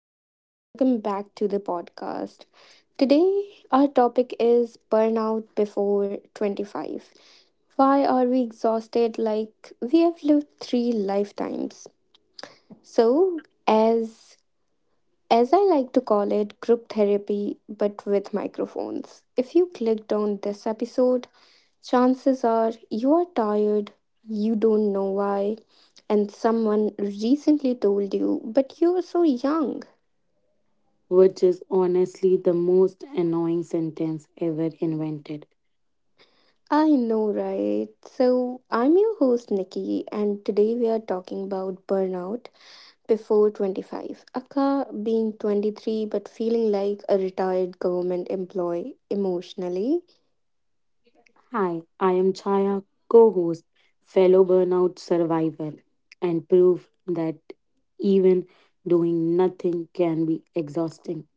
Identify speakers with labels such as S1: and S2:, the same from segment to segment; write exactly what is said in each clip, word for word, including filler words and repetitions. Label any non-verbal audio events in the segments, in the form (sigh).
S1: and welcome back to the podcast. Today, our topic is burnout before twenty-five. Why are we exhausted like we have lived three lifetimes? So, as as I like to call it, group therapy but with microphones. If you clicked on this episode, chances are you are tired, you don't know why, and someone recently told you, but you're so young.
S2: Which is honestly the most annoying sentence ever invented.
S1: I know, right? So, I'm your host, Nikki, and today we are talking about burnout before twenty-five. Akka being twenty-three but feeling like a retired government employee emotionally.
S2: Hi, I am Chaya, co host, fellow burnout survivor, and proof that even doing nothing can be exhausting.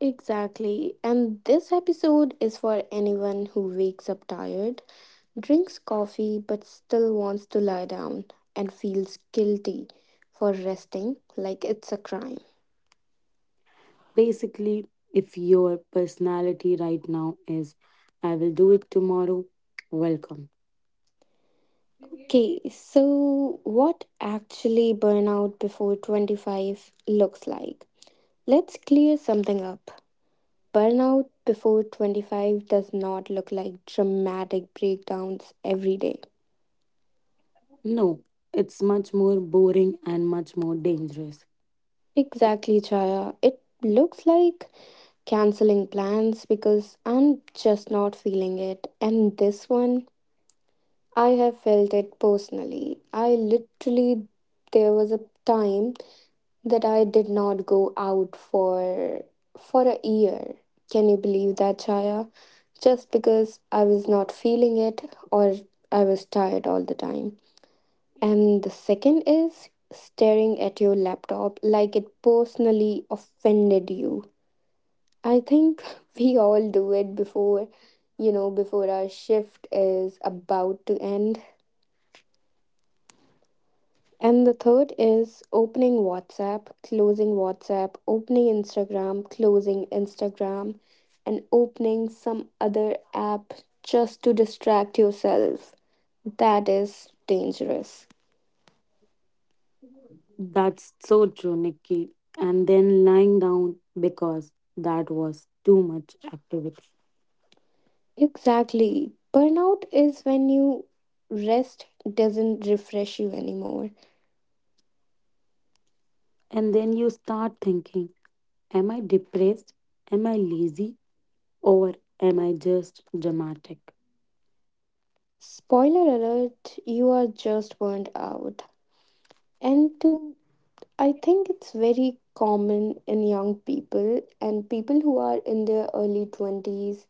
S1: Exactly. And this episode is for anyone who wakes up tired, drinks coffee, but still wants to lie down and feels guilty for resting like it's a crime.
S2: Basically, if your personality right now is, I will do it tomorrow, welcome.
S1: Okay, so what actually burnout before twenty-five looks like? Let's clear something up. Burnout before twenty-five does not look like dramatic breakdowns every day.
S2: No, it's much more boring and much more dangerous.
S1: Exactly, Chaya. It looks like canceling plans because I'm just not feeling it. And this one, I have felt it personally. I literally, there was a time that I did not go out for for a year. Can you believe that, Chaya? Just because I was not feeling it or I was tired all the time. And the second is staring at your laptop like it personally offended you. I think (laughs) we all do it before, you know, before our shift is about to end. And the third is opening WhatsApp, closing WhatsApp, opening Instagram, closing Instagram, and opening some other app just to distract yourself. That is dangerous.
S2: That's so true, Nikki. And then lying down because that was too much activity.
S1: Exactly. Burnout is when you rest doesn't refresh you anymore.
S2: And then you start thinking, am I depressed? Am I lazy? Or am I just dramatic?
S1: Spoiler alert, you are just burned out. And to I think it's very common in young people and people who are in their early twenties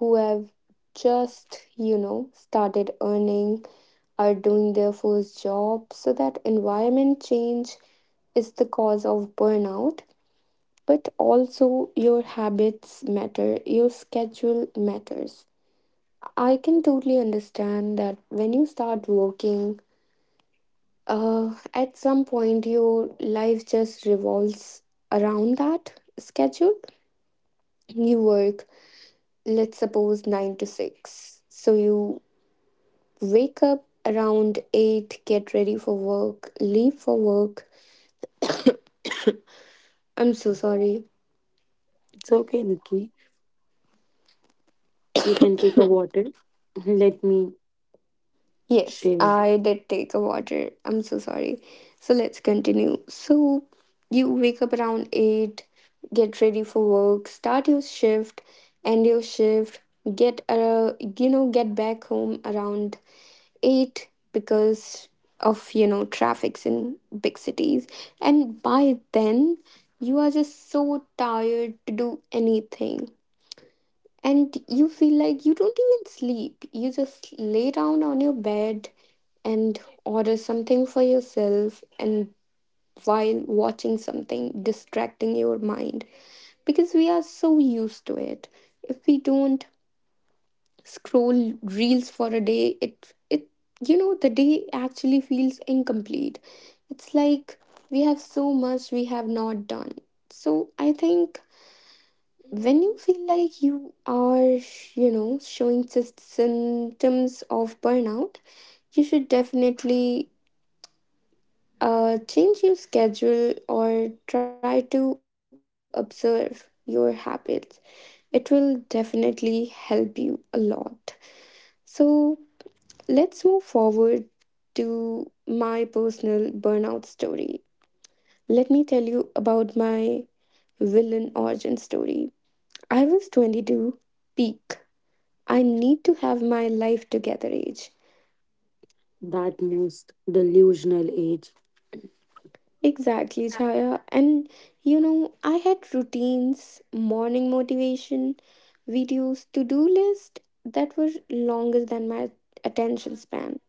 S1: who have just, you know, started earning, are doing their first job, so that environment change is the cause of burnout, but also your habits matter, your schedule matters. I can totally understand that when you start working, uh, at some point your life just revolves around that schedule. You work, let's suppose, nine to six. So you wake up around eight, get ready for work, leave for work. (coughs) I'm so sorry.
S2: It's okay, Nikki. You can take a water. (laughs) Let me
S1: Yes,
S2: share.
S1: I did take a water. I'm so sorry. So let's continue. So you wake up around eight, get ready for work, start your shift, end your shift, get uh, you know, get back home around eight because of, you know, traffics in big cities. And by then, you are just so tired to do anything. And you feel like you don't even sleep. You just lay down on your bed and order something for yourself and while watching something distracting your mind, because we are so used to it. If we don't scroll reels for a day, it it, you know, the day actually feels incomplete. It's like we have so much we have not done. So I think when you feel like you are, you know, showing sys- symptoms of burnout, you should definitely Uh, change your schedule or try to observe your habits. It will definitely help you a lot. So, let's move forward to my personal burnout story. Let me tell you about my villain origin story. I was twenty-two, peak. I need to have my life together age.
S2: That most delusional age.
S1: Exactly, Chaya. And you know, I had routines, morning motivation, videos, to do list that were longer than my attention span.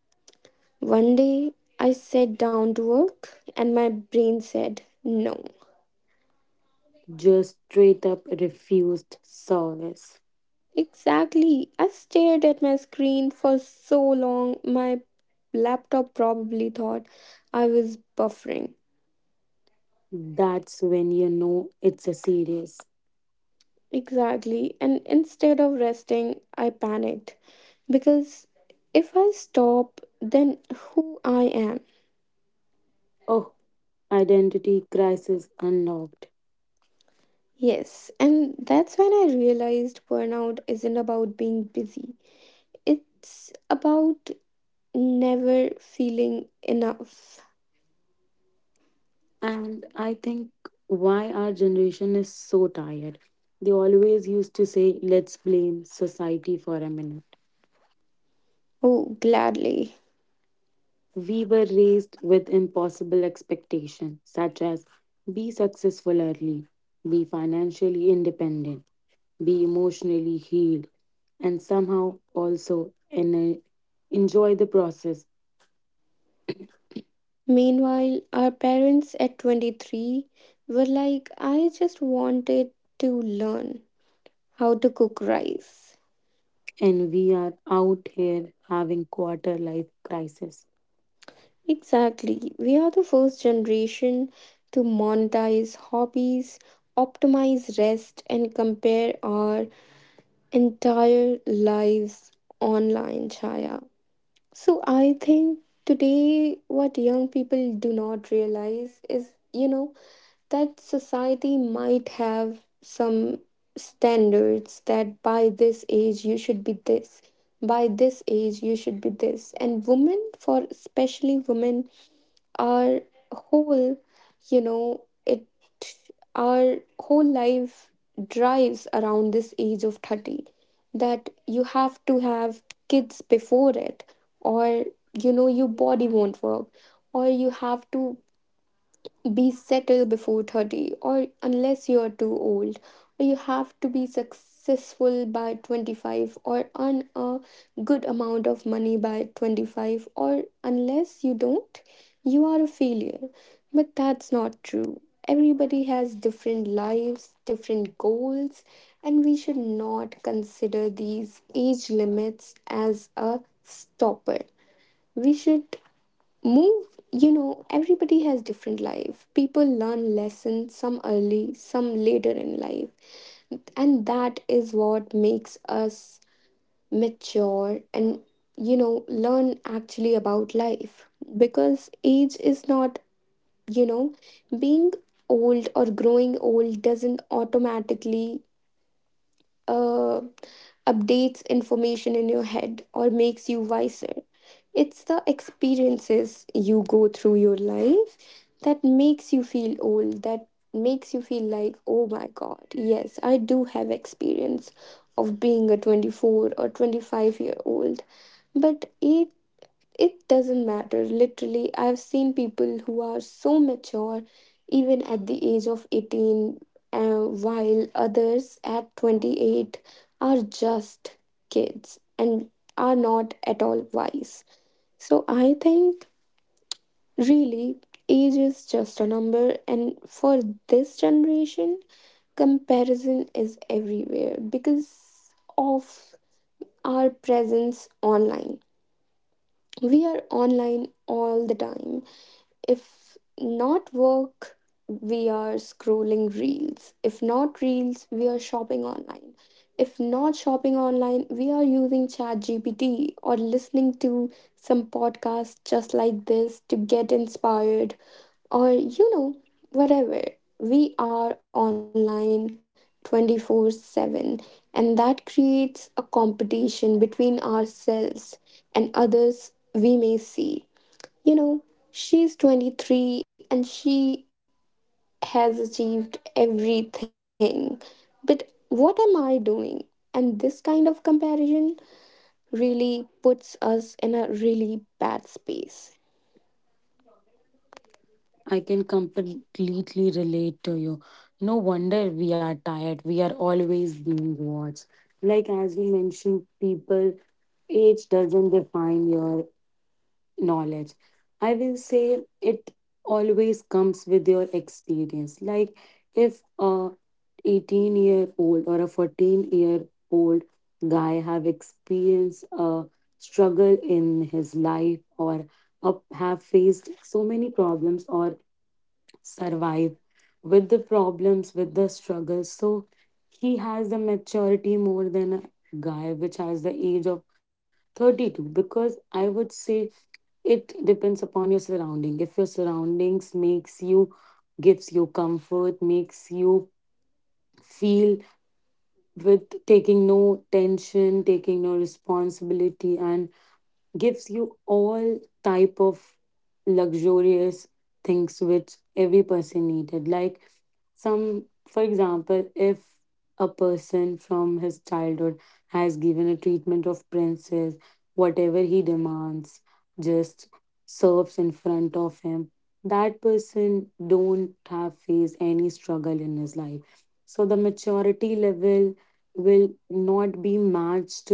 S1: One day, I sat down to work and my brain said no.
S2: Just straight up refused service.
S1: Exactly. I stared at my screen for so long, my laptop probably thought I was buffering.
S2: That's when you know it's a serious.
S1: Exactly. And instead of resting, I panicked because if I stop, then who I am.
S2: Oh, identity crisis unlocked.
S1: Yes, and that's when I realized burnout isn't about being busy. It's about never feeling enough.
S2: And I think why our generation is so tired. They always used to say, let's blame society for a minute.
S1: Oh, gladly.
S2: We were raised with impossible expectations, such as be successful early, be financially independent, be emotionally healed, and somehow also en- enjoy the process.
S1: Meanwhile, our parents at twenty-three were like, I just wanted to learn how to cook rice.
S2: And we are out here having quarter life crisis.
S1: Exactly. We are the first generation to monetize hobbies, optimize rest, and compare our entire lives online, Chaya. So I think today what young people do not realize is, you know, that society might have some standards, that by this age you should be this, by this age you should be this. And women, for especially women, our whole, you know, it our whole life drives around this age of thirty, that you have to have kids before it, or you know your body won't work, or you have to be settled before thirty or unless you are too old, or you have to be successful by twenty-five or earn a good amount of money by twenty-five, or unless you don't, you are a failure. But that's not true. Everybody has different lives, different goals, and we should not consider these age limits as a stopper. We should move, you know, everybody has different life. People learn lessons, some early, some later in life, and that is what makes us mature and, you know, learn actually about life. Because age is not, you know, being old or growing old doesn't automatically uh, updates information in your head or makes you wiser. It's the experiences you go through your life that makes you feel old, that makes you feel like, oh my god, yes, I do have experience of being a twenty-four or twenty-five year old. But it it doesn't matter. Literally, I've seen people who are so mature even at the age of eighteen, uh, while others at twenty-eight are just kids and are not at all wise. So I think really age is just a number, and for this generation, comparison is everywhere because of our presence online. We are online all the time. If not work, we are scrolling reels. If not reels, we are shopping online. If not shopping online, we are using ChatGPT or listening to some podcast just like this to get inspired, or you know whatever, we are online twenty-four seven, and that creates a competition between ourselves and others. We may see, you know, she's twenty-three and she has achieved everything. But what am I doing? And this kind of comparison really puts us in a really bad space.
S2: I can completely relate to you. No wonder we are tired. We are always being watched. Like as you mentioned, people, age doesn't define your knowledge. I will say it always comes with your experience. Like if a eighteen year old or a fourteen year old guy have experienced a struggle in his life, or up have faced so many problems, or survive with the problems, with the struggles. So he has the maturity more than a guy which has the age of thirty-two, because I would say it depends upon your surrounding. If your surroundings makes you, gives you comfort, makes you feel with taking no tension, taking no responsibility, and gives you all type of luxurious things which every person needed, like some, for example, if a person from his childhood has given a treatment of princess, whatever he demands just serves in front of him, that person don't have faced any struggle in his life. So the maturity level will not be matched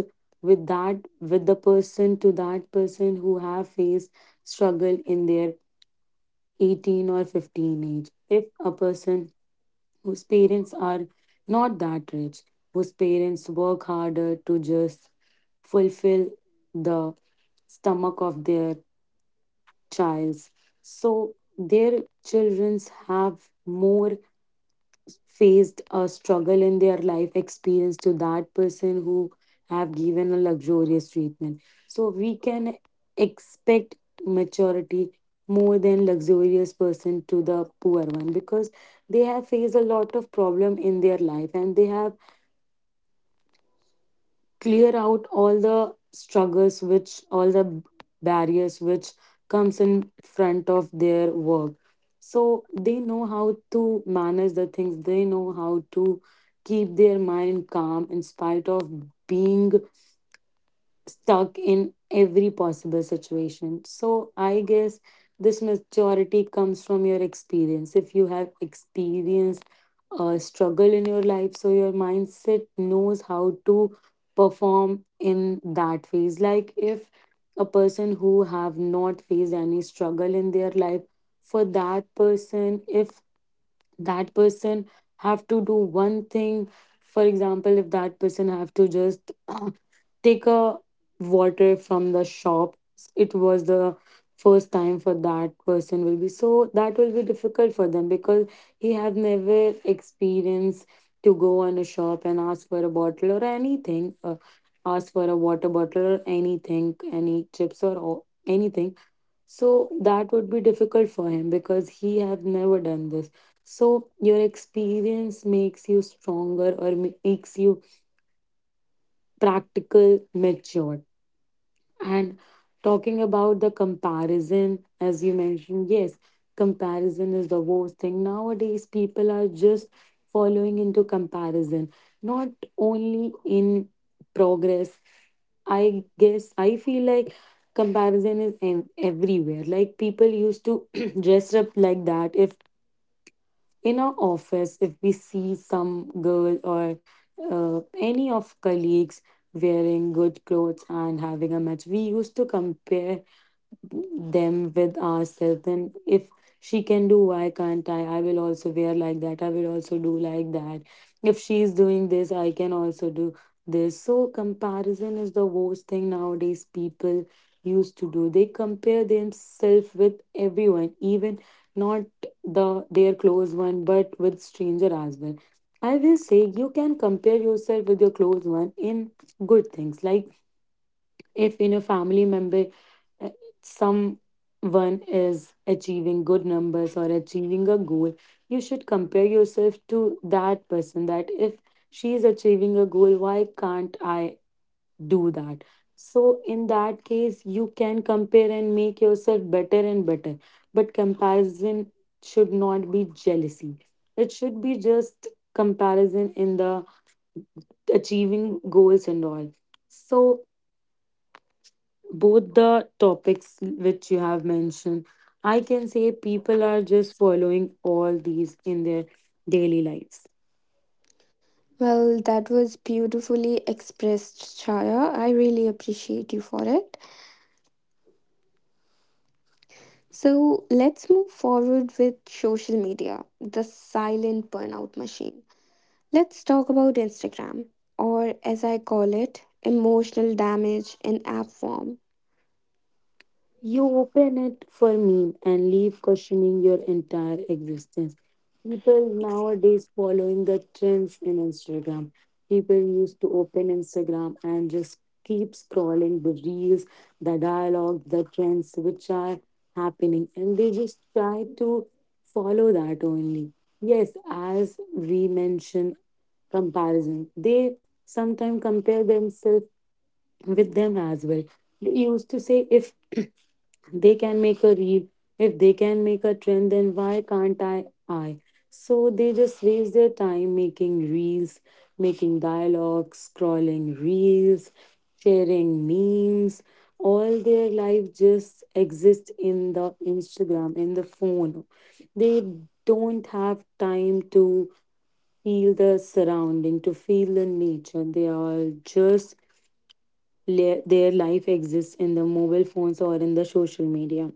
S2: with that, with the person, to that person who have faced struggle in their eighteen or fifteen age. If a person whose parents are not that rich, whose parents work harder to just fulfill the stomach of their childs, so their children have more faced a struggle in their life experience to that person who have given a luxurious treatment. So we can expect maturity more than luxurious person to the poor one, because they have faced a lot of problem in their life, and they have clear out all the struggles, which all the barriers which comes in front of their work. So they know how to manage the things, they know how to keep their mind calm in spite of being stuck in every possible situation. So I guess this maturity comes from your experience. If you have experienced a struggle in your life, so your mindset knows how to perform in that phase. Like if a person who have not faced any struggle in their life, for that person, if that person have to do one thing, for example, if that person have to just (clears throat) uh, take a water from the shop, it was the first time for that person, will be, so that will be difficult for them, because he have never experienced to go on a shop and ask for a bottle or anything, uh, ask for a water bottle or anything, any chips, or o- anything. So that would be difficult for him, because he have never done this. So your experience makes you stronger, or ma- makes you practical matured. And talking about the comparison, as you mentioned, yes, comparison is the worst thing nowadays, people are just following into comparison, not only in progress. I guess I feel like comparison is em- everywhere. Like people used to (clears throat) dress up like that. If in our office, if we see some girl or uh, any of colleagues wearing good clothes and having a match, we used to compare them with ourselves. Then if she can do, why can't I? I will also wear like that, I will also do like that. If she is doing this, I can also do this. So comparison is the worst thing nowadays people used to do. They compare themselves with everyone, even not the their close one, but with stranger as well. I will say you can compare yourself with your close one in good things. Like if in a family member, uh, someone is achieving good numbers or achieving a goal, you should compare yourself to that person, that if she is achieving a goal, why can't I do that? So in that case, you can compare and make yourself better and better. But comparison should not be jealousy, it should be just comparison in the achieving goals and all. So both the topics which you have mentioned, I can say people are just following all these in their daily lives.
S1: Well, that was beautifully expressed, Chaya. I really appreciate you for it. So let's move forward with social media, the silent burnout machine. Let's talk about Instagram, or as I call it, emotional damage in app form.
S2: You open it for meme and leave questioning your entire existence. People
S1: Ex-
S2: nowadays following the trends in Instagram. People used to open Instagram and just keep scrolling the reels, the dialogue, the trends which are happening, and they just try to follow that only. Yes, as we mentioned, comparison. They sometimes compare themselves with them as well. They used to say, if they can make a reel, if they can make a trend, then why can't i i? So they just waste their time making reels, making dialogues, scrolling reels, sharing memes. All their life just exists in the Instagram, in the phone. They don't have time to feel the surrounding, to feel the nature. They are just le- their life exists in the mobile phones or in the social media.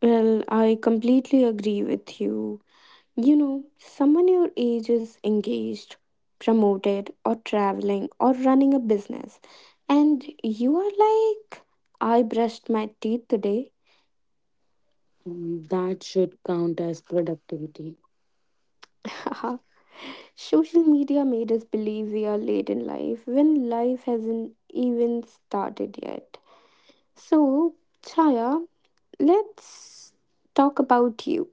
S1: Well, I completely agree with you. You know, someone your age is engaged, promoted, or traveling, or running a business, and you are like, I brushed my teeth today.
S2: Mm, That should count as productivity.
S1: (laughs) Social media made us believe we are late in life when life hasn't even started yet. So, Chaya, let's talk about you.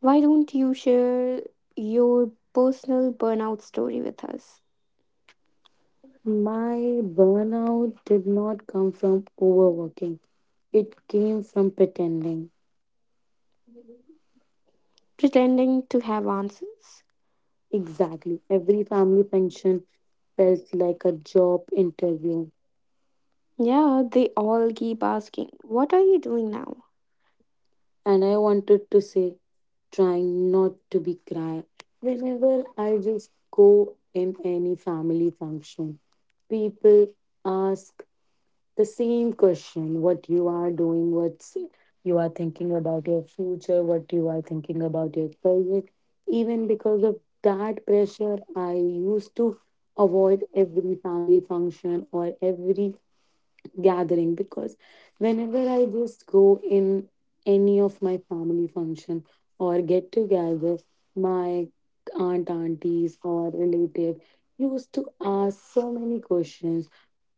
S1: Why don't you share your personal burnout story with us?
S2: My burnout did not come from overworking, it came from pretending.
S1: Pretending to have answers?
S2: Exactly. Every family function felt like a job interview.
S1: Yeah, they all keep asking, what are you doing now?
S2: And I wanted to say, trying not to be cry. Whenever I just go in any family function, people ask the same question, what you are doing, what you are thinking about your future, what you are thinking about your career. Even because of that pressure, I used to avoid every family function or every gathering, because whenever I just go in any of my family function or get together, my aunt, aunties, or relative used to ask so many questions.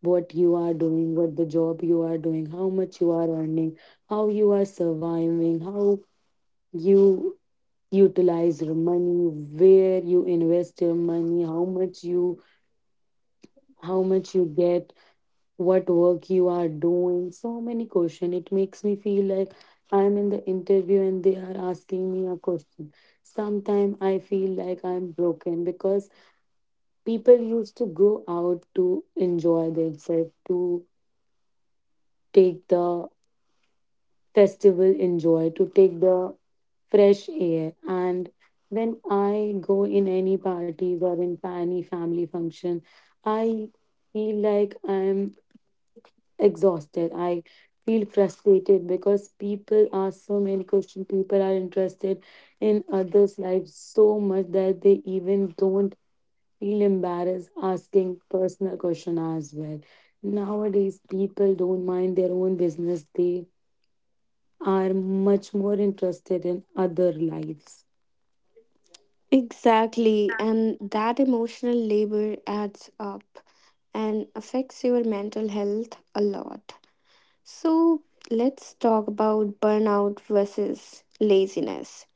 S2: What you are doing, what the job you are doing, how much you are earning, how you are surviving, how you utilize your money, where you invest your money, how much you how much you get, what work you are doing, so many question. It makes me feel like I'm in the interview and they are asking me a question. Sometimes I feel like I'm broken, because people used to go out to enjoy themselves, to take the festival enjoy, to take the fresh air, and when I go in any parties or in any family function, I feel like I'm exhausted. I feel frustrated because people ask so many questions. People are interested in others' lives so much that they even don't feel embarrassed asking personal questions as well. Nowadays, people don't mind their own business. They are much more interested in other lives.
S1: Exactly, and that emotional labor adds up and affects your mental health a lot. So, let's talk about burnout versus laziness.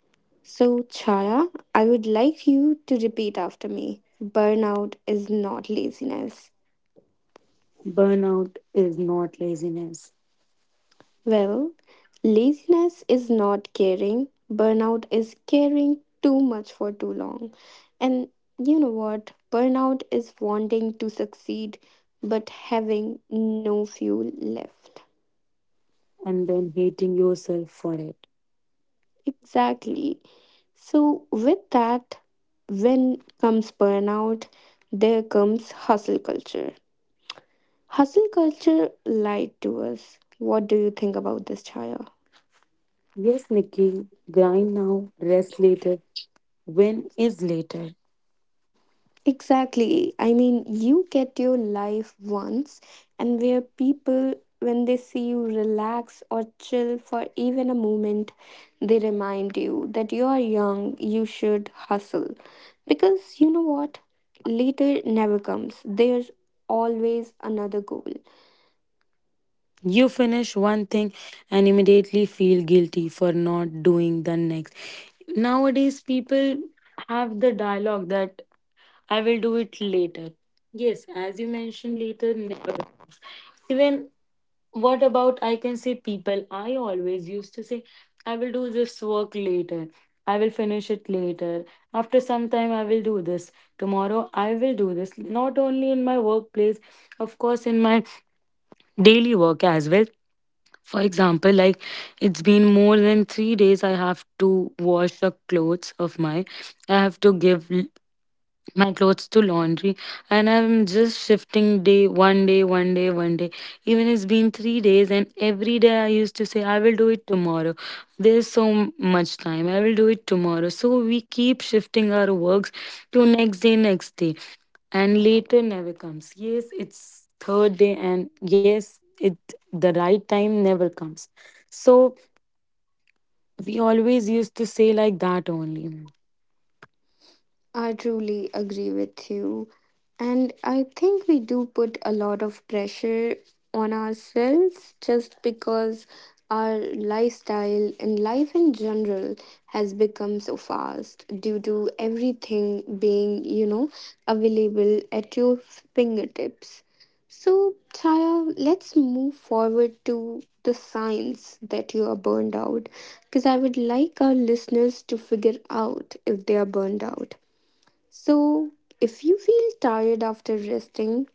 S1: So, Chaya, I would like you to repeat after me, burnout is not laziness.
S2: Burnout is not laziness.
S1: Well, laziness is not caring, burnout is caring too much for too long. And you know what? Burnout is wanting to succeed but having no fuel left.
S2: And then hating yourself for it.
S1: Exactly. So, with that, when comes burnout, there comes hustle culture. Hustle culture lied to us. What do you think about this, Chaya?
S2: Yes, Nikki, grind now, rest later. When is later?
S1: Exactly. I mean, you get your life once, and where people, when they see you relax or chill for even a moment, they remind you that you are young, you should hustle. Because you know what? Later never comes. There's always another goal.
S2: You finish one thing and immediately feel guilty for not doing the next. Nowadays, people have the dialogue that I will do it later. Yes, as you mentioned, later never comes. Even what about I can say people? I always used to say, I will do this work later. I will finish it later. After some time, I will do this. Tomorrow, I will do this. Not only in my workplace, of course, in my daily work as well. For example, like it's been more than three days, I have to wash the clothes of my, I have to give l- my clothes to laundry, and I'm just shifting day one day, one day, one day. Even it's been three days, and every day I used to say, I will do it tomorrow. There's so m- much time, I will do it tomorrow. So we keep shifting our works to next day, next day, and later never comes. Yes, it's third day, and yes, it the right time never comes. So we always used to say like that only.
S1: I truly agree with you. And I think we do put a lot of pressure on ourselves just because our lifestyle and life in general has become so fast due to everything being, you know, available at your fingertips. So, Chaya, let's move forward to the signs that you are burned out, because I would like our listeners to figure out if they are burned out. So, if you feel tired after resting,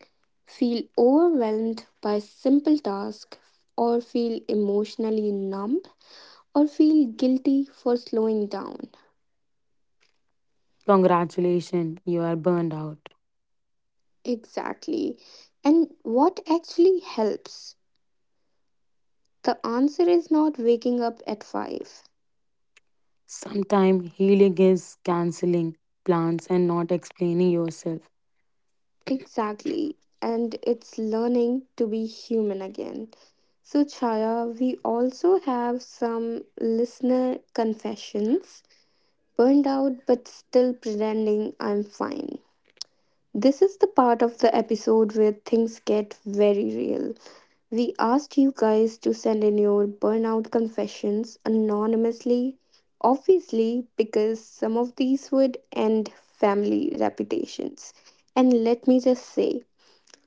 S1: feel overwhelmed by simple tasks, or feel emotionally numb, or feel guilty for slowing down.
S2: Congratulations, you are burned out.
S1: Exactly. And what actually helps? The answer is not waking up at five.
S2: Sometimes healing is canceling plans and not explaining yourself.
S1: Exactly. And it's learning to be human again. So, Chaya, we also have some listener confessions. Burned out but still pretending I'm fine. This is the part of the episode where things get very real. We asked you guys to send in your burnout confessions anonymously, obviously, because some of these would end family reputations. And let me just say,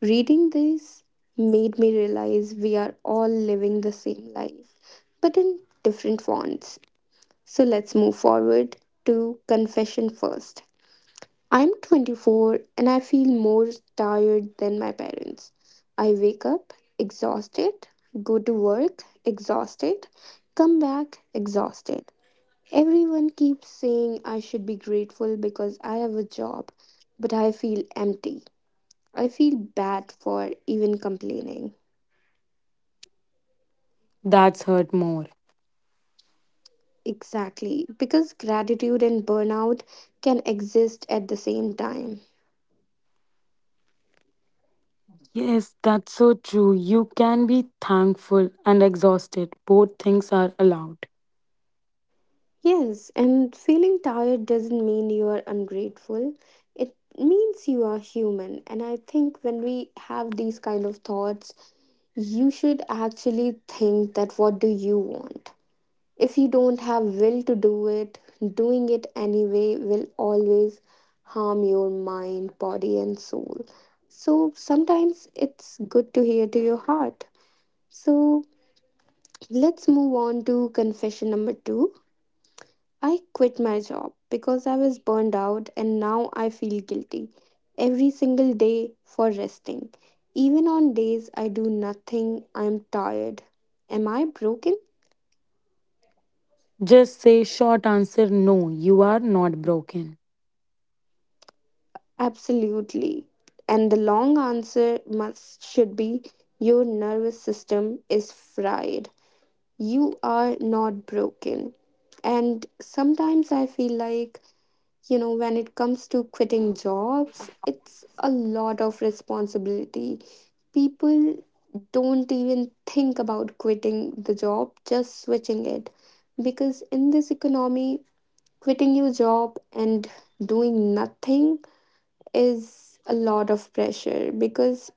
S1: reading this made me realize we are all living the same life, but in different fonts. So let's move forward to confession first. I'm twenty-four and I feel more tired than my parents. I wake up exhausted, go to work exhausted, come back exhausted. Everyone keeps saying I should be grateful because I have a job, but I feel empty. I feel bad for even complaining.
S2: That's hurt more.
S1: Exactly, because gratitude and burnout can exist at the same time.
S2: Yes, that's so true. You can be thankful and exhausted. Both things are allowed.
S1: Yes, and feeling tired doesn't mean you are ungrateful. It means you are human. And I think when we have these kind of thoughts, you should actually think that what do you want? If you don't have will to do it, doing it anyway will always harm your mind, body and soul. So sometimes it's good to hear to your heart. So let's move on to confession number two. I quit my job because I was burned out and now I feel guilty every single day for resting. Even on days I do nothing, I'm tired. Am I broken?
S2: Just say short answer, no, you are not broken.
S1: Absolutely. And the long answer must should be your nervous system is fried. You are not broken. And sometimes I feel like, you know, when it comes to quitting jobs, it's a lot of responsibility. People don't even think about quitting the job, just switching it, because in this economy, quitting your job and doing nothing is a lot of pressure, because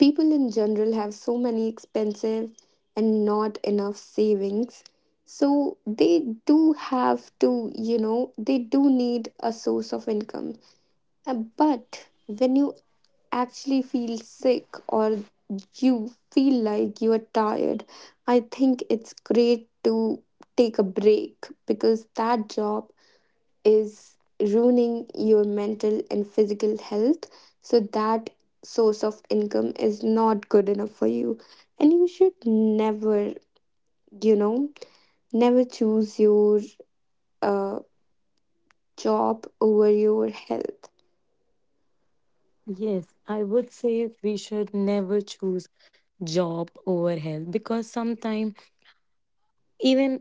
S1: people in general have so many expensive and not enough savings, so they do have to, you know, they do need a source of income. uh, But when you actually feel sick or you feel like you are tired, I think it's great to take a break because that job is ruining your mental and physical health. So that source of income is not good enough for you. And you should never, you know, never choose your uh, job over your health.
S2: Yes, I would say we should never choose job over health, because sometimes even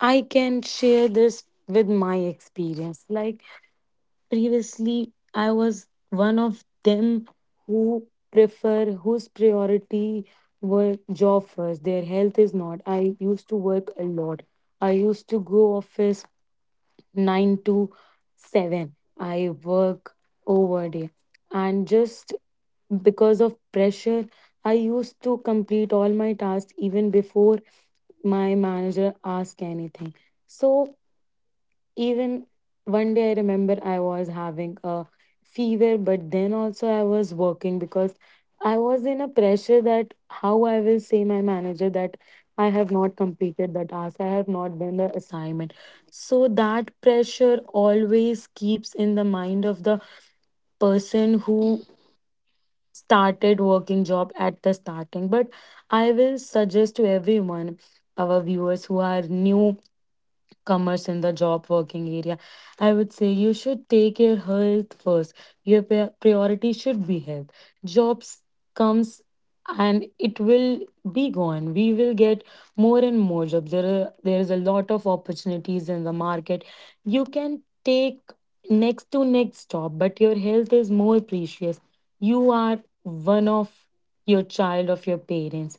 S2: I can share this with my experience. Like previously, I was one of them who prefer, whose priority were job first. Their health is not. I used to work a lot. I used to go office nine to seven. I work overday. And just because of pressure, I used to complete all my tasks even before my manager asked anything. So even one day I remember I was having a fever, but then also I was working because I was in a pressure that how I will say my manager that I have not completed the task, I have not done the assignment. So that pressure always keeps in the mind of the person who started working job at the starting. But I will suggest to everyone, our viewers who are new commerce in the job working area, I would say you should take your health first. Your pri- priority should be health. Jobs comes and it will be gone. We will get more and more jobs. There are, there is a lot of opportunities in the market. You can take next to next job, but your health is more precious. You are one of your child of your parents.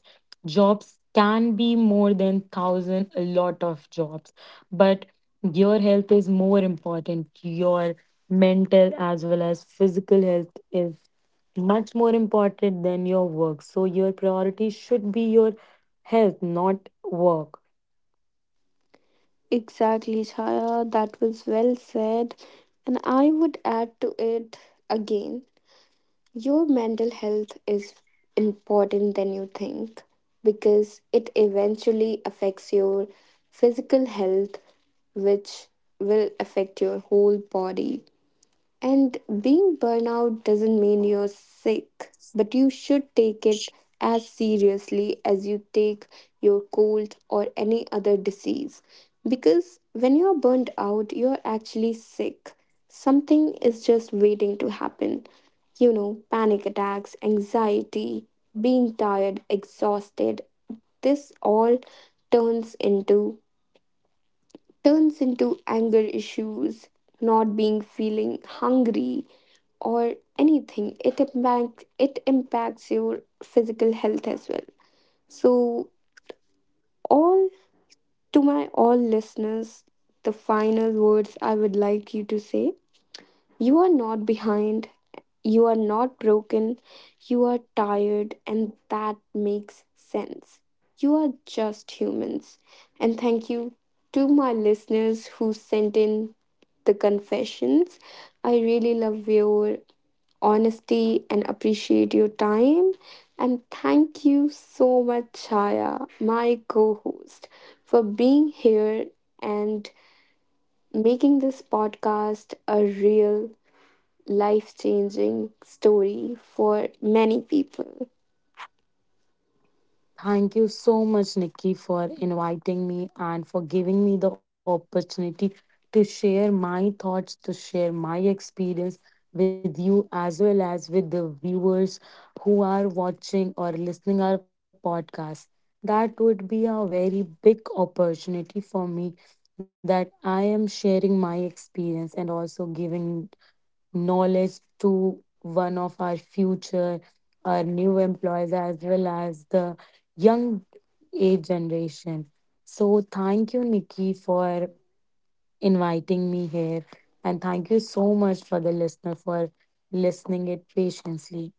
S2: Jobs can be more than thousand, a lot of jobs. But your health is more important. Your mental as well as physical health is much more important than your work. So your priority should be your health, not work.
S1: Exactly, Chaya. That was well said. And I would add to it, again, your mental health is important than you think, because it eventually affects your physical health, which will affect your whole body. And being burnout doesn't mean you're sick, but you should take it as seriously as you take your cold or any other disease. Because when you're burned out, you're actually sick. Something is just waiting to happen. You know, panic attacks, anxiety, being tired, exhausted. This all turns into turns into anger issues, not being feeling hungry or anything. It impacts it impacts your physical health as well. So all to my all listeners, the final words I would like you to say, you are not behind, you are not broken, you are tired, and that makes sense. You are just humans. And thank you to my listeners who sent in the confessions. I really love your honesty and appreciate your time. And thank you so much, Chaya, my co host, for being here and making this podcast a real life changing story for many people.
S2: Thank you so much, Nikki, for inviting me and for giving me the opportunity to share my thoughts, to share my experience with you, as well as with the viewers who are watching or listening our podcast. That would be a very big opportunity for me that I am sharing my experience and also giving knowledge to one of our future, our new employees, as well as the young age generation. So, thank you, Nikki, for inviting me here. And thank you so much for the listener for listening it patiently.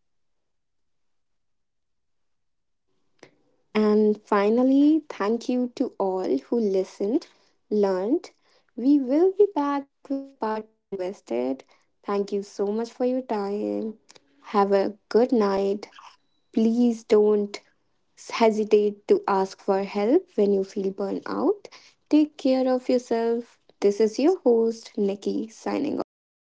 S1: And finally, thank you to all who listened, learned. We will be back with a part two if you requested. Thank you so much for your time. Have a good night. Please don't hesitate to ask for help when you feel burnt out. Take care of yourself. This is your host, Nikki, signing off.